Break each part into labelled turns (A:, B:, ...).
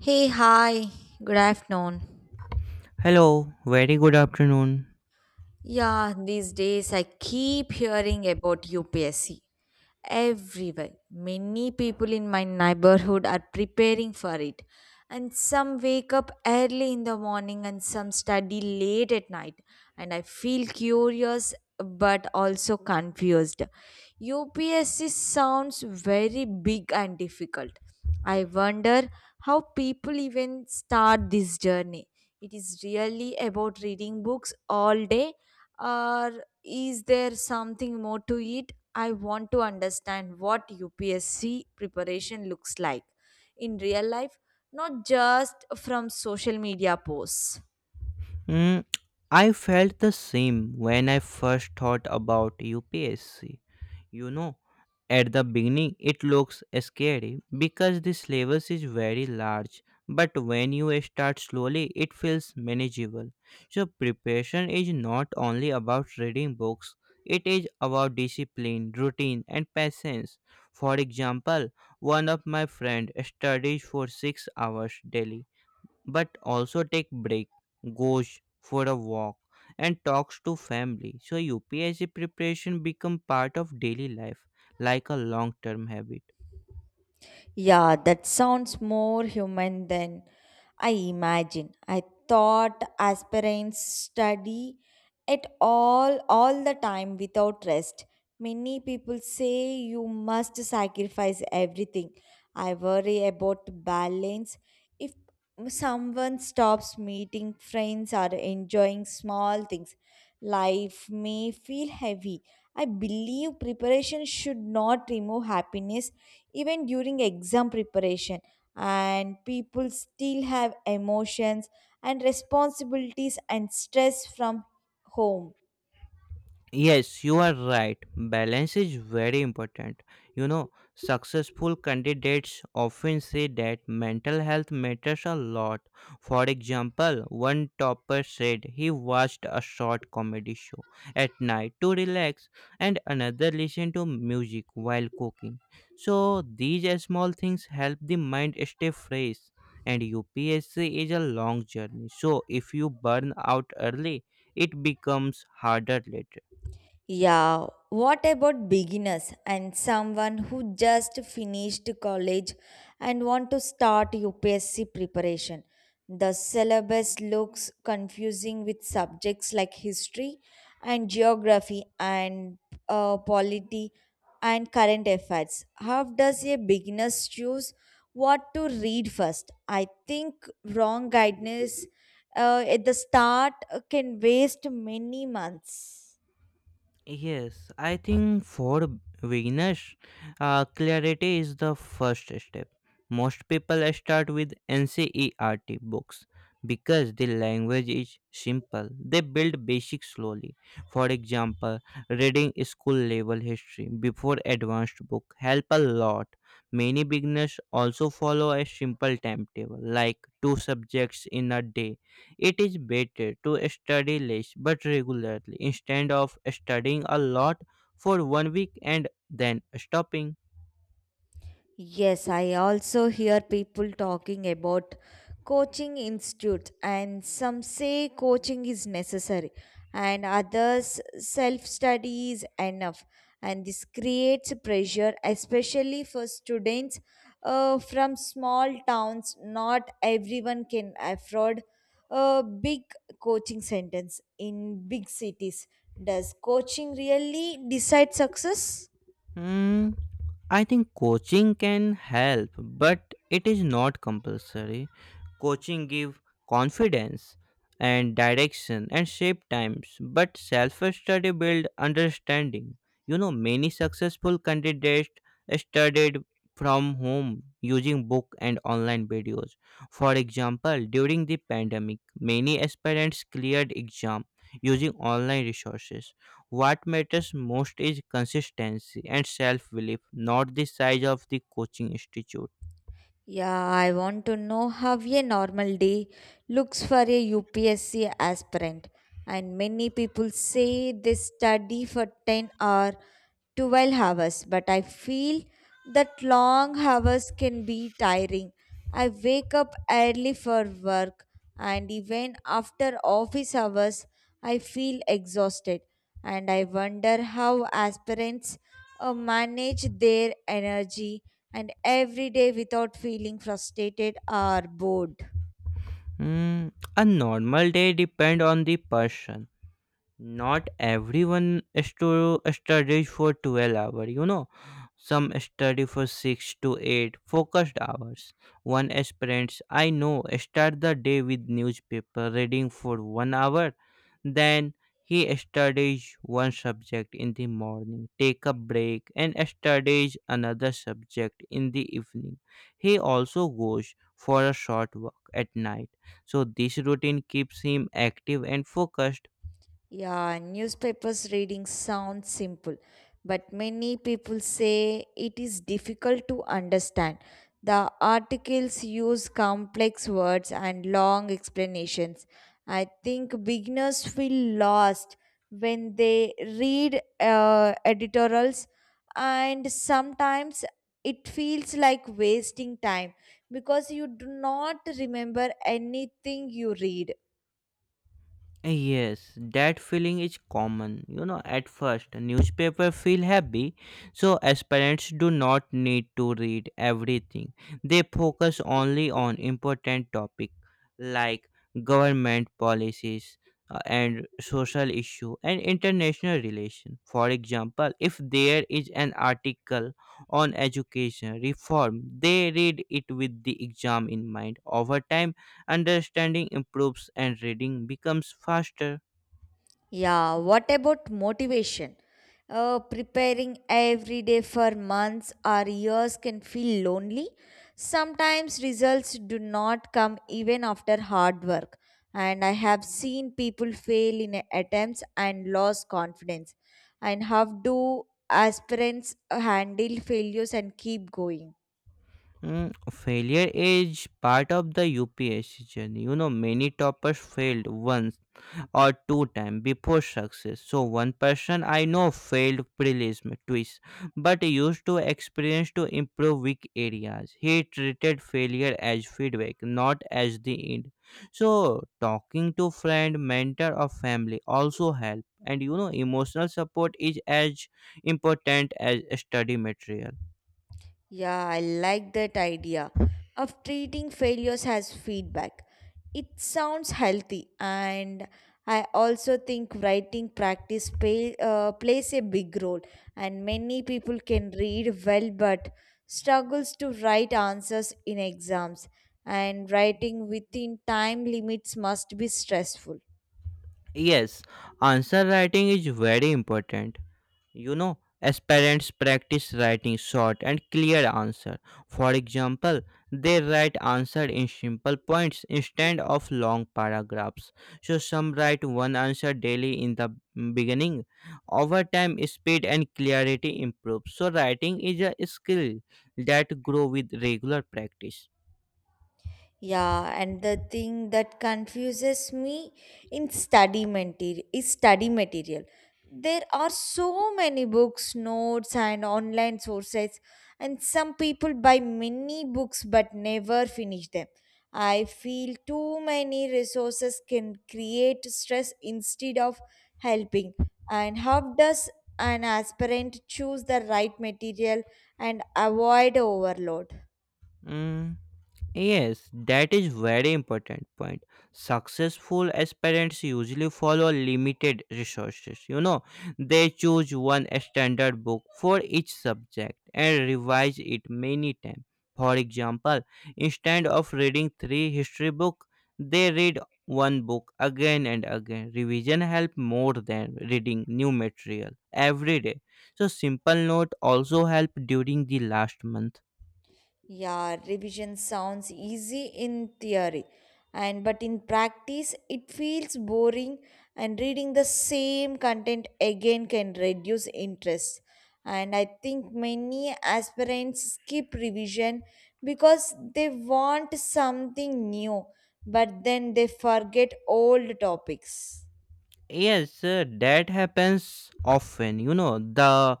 A: Hey, hi, good afternoon.
B: Hello, very good afternoon.
A: Yeah, these days I keep hearing about UPSC everywhere. Many people in my neighborhood are preparing for it. And some wake up early in the morning and some study late at night. And I feel curious but also confused. UPSC sounds very big and difficult. I wonder how people even start this journey. It is really about reading books all day or is there something more to it? I want to understand what UPSC preparation looks like in real life, not just from social media posts.
B: Mm, I felt the same when I first thought about UPSC. You know, at the beginning it looks scary because the syllabus is very large, but when you start slowly, it feels manageable. So, preparation is not only about reading books, it is about discipline, routine, and patience. For example, one of my friend studies for 6 hours daily but also take break, goes for a walk, and talks to family, so upsc preparation become part of daily life, like a long term habit.
A: Yeah, that sounds more human than I imagine. I thought aspirants study it all the time without rest. Many people say you must sacrifice everything. I worry about balance. If someone stops meeting friends or enjoying small things, life may feel heavy. I believe preparation should not remove happiness even during exam preparation, and people still have emotions and responsibilities and stress from home.
B: Yes, you are right. Balance is very important. You know, successful candidates often say that mental health matters a lot. For example, one topper said he watched a short comedy show at night to relax, and another listened to music while cooking. So, these small things help the mind stay fresh. And UPSC is a long journey. So, if you burn out early, it becomes harder later.
A: Yeah, what about beginners and someone who just finished college and want to start UPSC preparation? The syllabus looks confusing with subjects like history and geography and polity and current affairs. How does a beginner choose what to read first? I think wrong guidance at the start can waste many months.
B: Yes, I think for beginners, clarity is the first step. Most people start with NCERT books because the language is simple. They build basics slowly. For example, reading school level history before advanced book help a lot. Many beginners also follow a simple timetable like two subjects in a day. It is better to study less but regularly instead of studying a lot for one week and then stopping.
A: Yes, I also hear people talking about coaching institutes, and some say coaching is necessary, and others self study is enough. And this creates pressure, especially for students from small towns. Not everyone can afford a big coaching centers in big cities. Does coaching really decide success?
B: Hmm. I think coaching can help, but it is not compulsory. Coaching give confidence and direction and shape times, but self-study build understanding. You know, many successful candidates studied from home using book and online videos. For example, during the pandemic, many aspirants cleared exam using online resources. What matters most is consistency and self belief, not the size of the coaching institute.
A: Yeah, I want to know how a normal day looks for a UPSC aspirant. And many people say they study for 10 or 12 hours, but I feel that long hours can be tiring. I wake up early for work, and even after office hours, I feel exhausted. And I wonder how aspirants manage their energy and every day without feeling frustrated or bored.
B: Hmm, a normal day depends on the person. Not everyone studies for 12 hours. You know, some study for 6 to 8 focused hours. One aspirants I know start the day with newspaper reading for 1 hour, then he studies one subject in the morning, take a break, and studies another subject in the evening. He also goes for a short walk at night, so this routine keeps him active and focused.
A: Yeah, newspapers reading sounds simple, but many people say it is difficult to understand. The articles use complex words and long explanations. I think beginners feel lost when they read editorials, and sometimes it feels like wasting time because you do not remember anything you read.
B: Yes, that feeling is common. You know, at first, newspaper feel heavy, so aspirants do not need to read everything. They focus only on important topic like government policies, and social issue and international relation. For example, if there is an article on education reform, they read it with the exam in mind. Over time, understanding improves and reading becomes faster.
A: Yeah, what about motivation? Preparing every day for months or years can feel lonely. Sometimes results do not come even after hard work, and I have seen people fail in attempts and lose confidence. And how do aspirants handle failures and keep going?
B: Mm, failure is part of the UPSC journey. You know, many toppers failed once or two times before success. So one person I know failed prelim twice, but used to experience to improve weak areas. He treated failure as feedback, not as the end. So talking to friend, mentor or family also help. And you know emotional support is as important as study material.
A: Yeah, I like that idea of treating failures as feedback. It sounds healthy, and I also think writing practice plays a big role. And many people can read well but struggles to write answers in exams. And writing within time limits must be stressful.
B: Yes, answer writing is very important. You know, as parents practice writing short and clear answer. For example, they write answer in simple points instead of long paragraphs. So some write one answer daily in the beginning. Over time speed and clarity improve, so writing is a skill that grow with regular practice.
A: Yeah, and the thing that confuses me in study material is study material. There are so many books, notes, and online sources, and some people buy many books but never finish them. I feel too many resources can create stress instead of helping. And how does an aspirant choose the right material and avoid overload?
B: Mm. Yes, that is very important point. Successful aspirants usually follow limited resources. You know, they choose one standard book for each subject and revise it many times. For example, instead of reading three history books, they read one book again and again. Revision help more than reading new material every day. So simple note also help during the last month.
A: Yeah, revision sounds easy in theory, and but in practice it feels boring and reading the same content again can reduce interest. And I think many aspirants skip revision because they want something new, but then they forget old topics.
B: Yes, that happens often. You know, the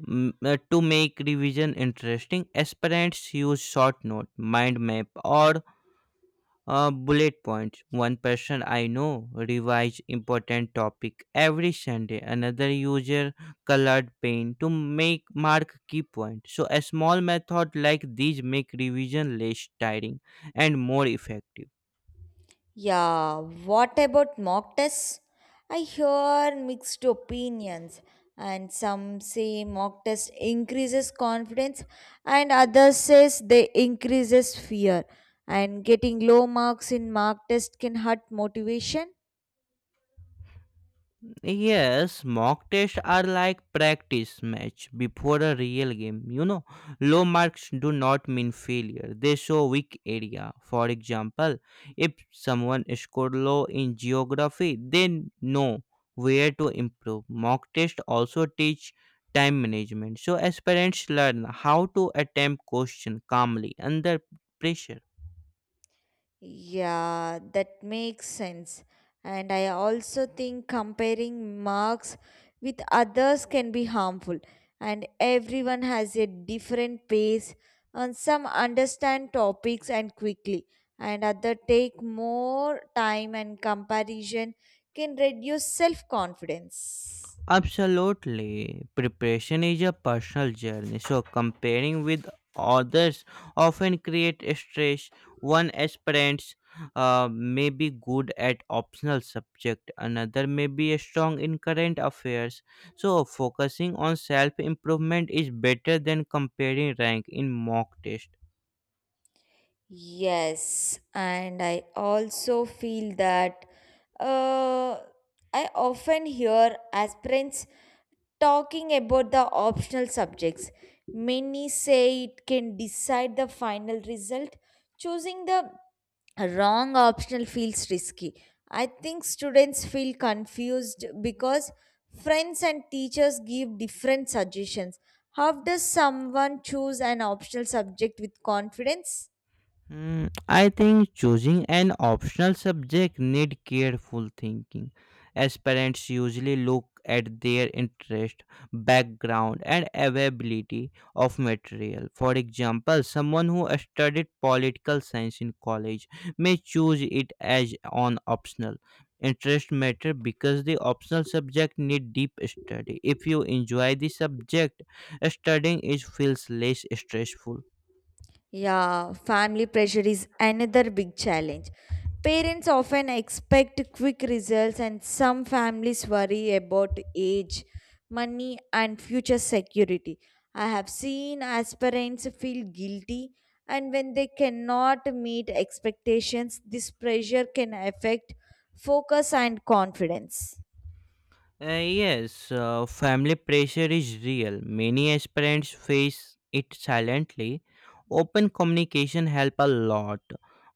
B: mm, uh, to make revision interesting, aspirants use short note, mind map, or bullet points. One person I know revised important topic every Sunday. Another user colored pen to make mark key points. So a small method like these make revision less tiring and more effective.
A: Yeah, what about mock tests? I hear mixed opinions, and some say mock test increases confidence, and others says they increases fear. And getting low marks in mock test can hurt motivation.
B: Yes, mock tests are like practice match before a real game. You know, low marks do not mean failure. They show weak area. For example, if someone scored low in geography, they know where to improve. Mock tests also teach time management. So aspirants learn how to attempt question calmly under pressure.
A: Yeah, that makes sense. And I also think comparing marks with others can be harmful. And everyone has a different pace, and some understand topics and quickly, and other take more time, and comparison can reduce self confidence.
B: Absolutely. Preparation is a personal journey, so comparing with others often create stress. One aspirant may be good at optional subject, another may be strong in current affairs. So focusing on self improvement is better than comparing rank in mock test.
A: Yes, and I also feel that uh, I often hear aspirants talking about the optional subjects. Many say it can decide the final result. Choosing the wrong optional feels risky. I think students feel confused because friends and teachers give different suggestions. How does someone choose an optional subject with confidence?
B: Hmm, I think choosing an optional subject need careful thinking, as parents usually look at their interest, background, and availability of material. For example, someone who studied political science in college may choose it as an optional. Interest matter because the optional subject need deep study. If you enjoy the subject, studying it feels less stressful.
A: Yeah, family pressure is another big challenge. Parents often expect quick results, and some families worry about age, money, and future security. I have seen aspirants feel guilty, and when they cannot meet expectations, this pressure can affect focus and confidence.
B: Yes, family pressure is real. Many aspirants face it silently. Open communication help a lot.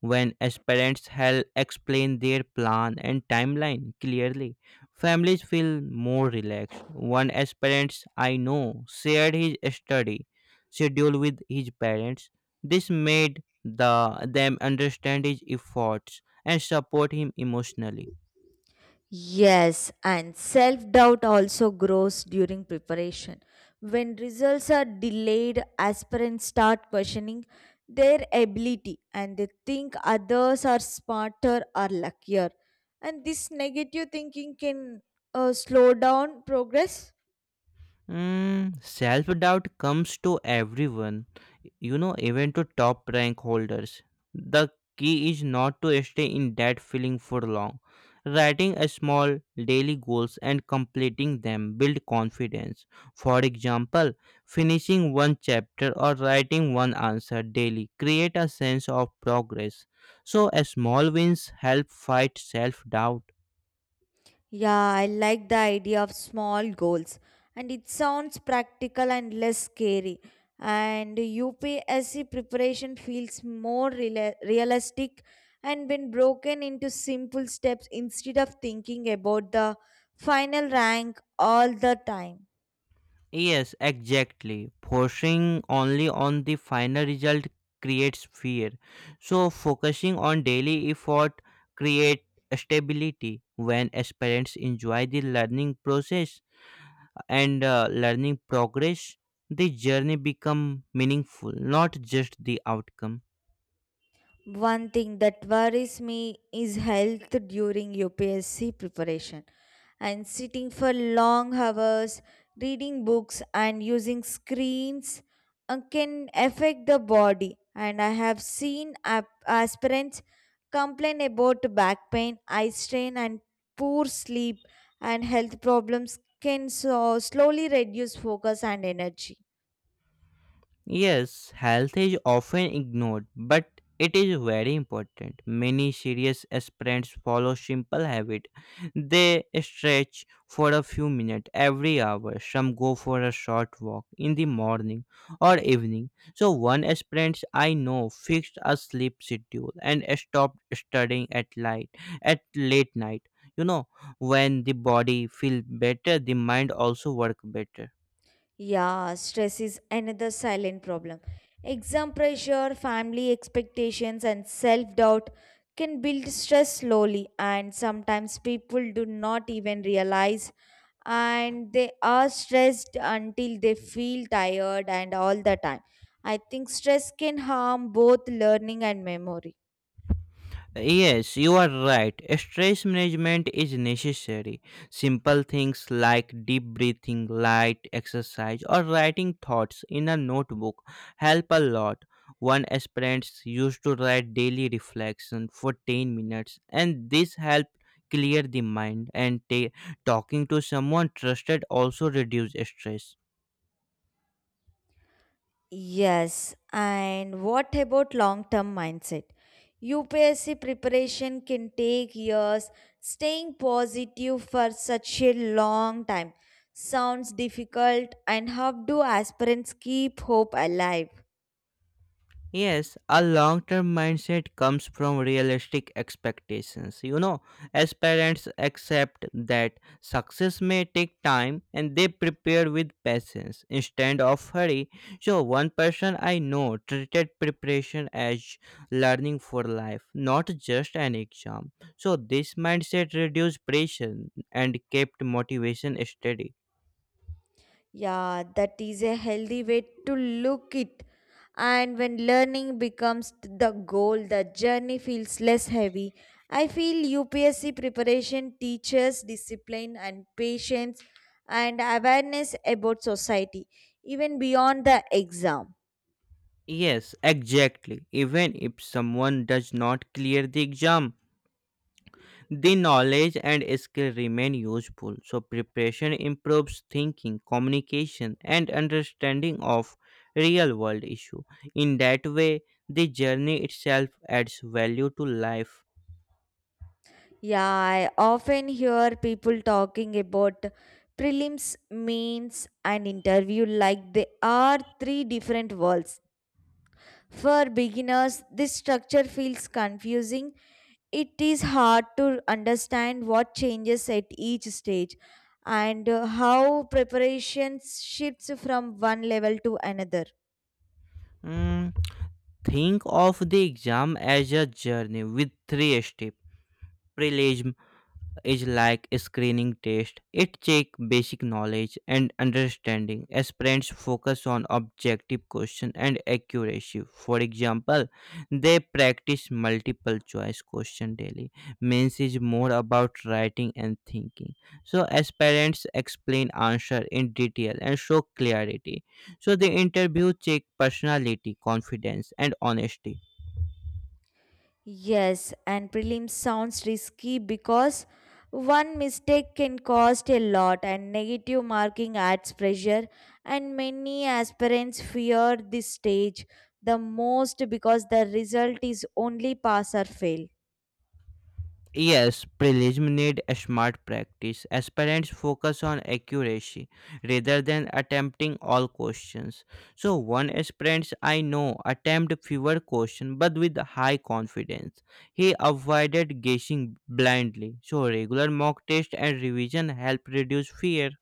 B: When aspirants help explain their plan and timeline clearly, families feel more relaxed. One aspirant I know shared his study schedule with his parents. This made them understand his efforts and support him emotionally.
A: Yes, and self doubt also grows during preparation. When results are delayed, aspirants start questioning their ability and they think others are smarter or luckier. And this negative thinking can slow down progress.
B: Mm, self doubt comes to everyone, you know, even to top rank holders. The key is not to stay in that feeling for long. Writing a small daily goals and completing them build confidence. For example, finishing one chapter or writing one answer daily create a sense of progress. So, a small wins help fight self doubt.
A: Yeah, I like the idea of small goals and it sounds practical and less scary. And UPSC preparation feels more realistic and when broken into simple steps instead of thinking about the final rank all the time.
B: Yes, exactly. Forcing only on the final result creates fear. So focusing on daily effort create stability. When aspirants enjoy the learning process and learning progress, the journey become meaningful, not just the outcome.
A: One thing that worries me is health during UPSC preparation and sitting for long hours, reading books, and using screens can affect the body. And I have seen aspirants complain about back pain, eye strain, and poor sleep, and health problems can so slowly reduce focus and energy.
B: Yes, health is often ignored, but it is very important. Many serious aspirants follow simple habit. They stretch for a few minutes every hour. Some go for a short walk in the morning or evening. So one aspirant I know fixed a sleep schedule and stopped studying at light at late night. You know, when the body feels better, the mind also work better.
A: Yeah, stress is another silent problem. Exam pressure, family expectations, and self doubt can build stress slowly, and sometimes people do not even realize. And they are stressed until they feel tired and all the time. I think stress can harm both learning and memory.
B: Yes, you are right. Stress management is necessary. Simple things like deep breathing, light exercise, or writing thoughts in a notebook help a lot. One aspirants used to write daily reflection for 10 minutes, and this helped clear the mind. And talking to someone trusted also reduce stress.
A: Yes, and what about long term mindset? UPSC preparation can take years. Staying positive for such a long time sounds difficult, and how do aspirants keep hope alive?
B: Yes, a long term mindset comes from realistic expectations. You know, as parents accept that success may take time and they prepare with patience instead of hurry. So, one person I know treated preparation as learning for life, not just an exam. So, this mindset reduced pressure and kept motivation steady.
A: Yeah, that is a healthy way to look it. And when learning becomes the goal, the journey feels less heavy. I feel UPSC preparation teaches discipline and patience and awareness about society, even beyond the exam.
B: Yes, exactly. Even if someone does not clear the exam, the knowledge and skill remain useful, so preparation improves thinking, communication, and understanding of real world issue. In that way, the journey itself adds value to life.
A: Yeah, I often hear people talking about prelims, mains, and interview like they are three different worlds. For beginners, this structure feels confusing. It is hard to understand what changes at each stage and how preparation shifts from one level to another.
B: Mm, think of the exam as a journey with three steps: prelim is like a screening test. It checks basic knowledge and understanding as parents focus on objective question and accuracy. For example, they practice multiple choice question daily. Means is more about writing and thinking. So as parents explain answer in detail and show clarity. So the interview check personality, confidence and honesty.
A: Yes, and prelim sounds risky because one mistake can cost a lot, and negative marking adds pressure. And many aspirants fear this stage the most because the result is only pass or fail.
B: Yes, prelims need a smart practice. Aspirants focus on accuracy rather than attempting all questions. So one aspirant I know attempted fewer questions but with high confidence. He avoided guessing blindly. So regular mock test and revision help reduce fear.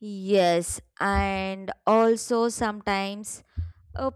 A: Yes, and also sometimes uh,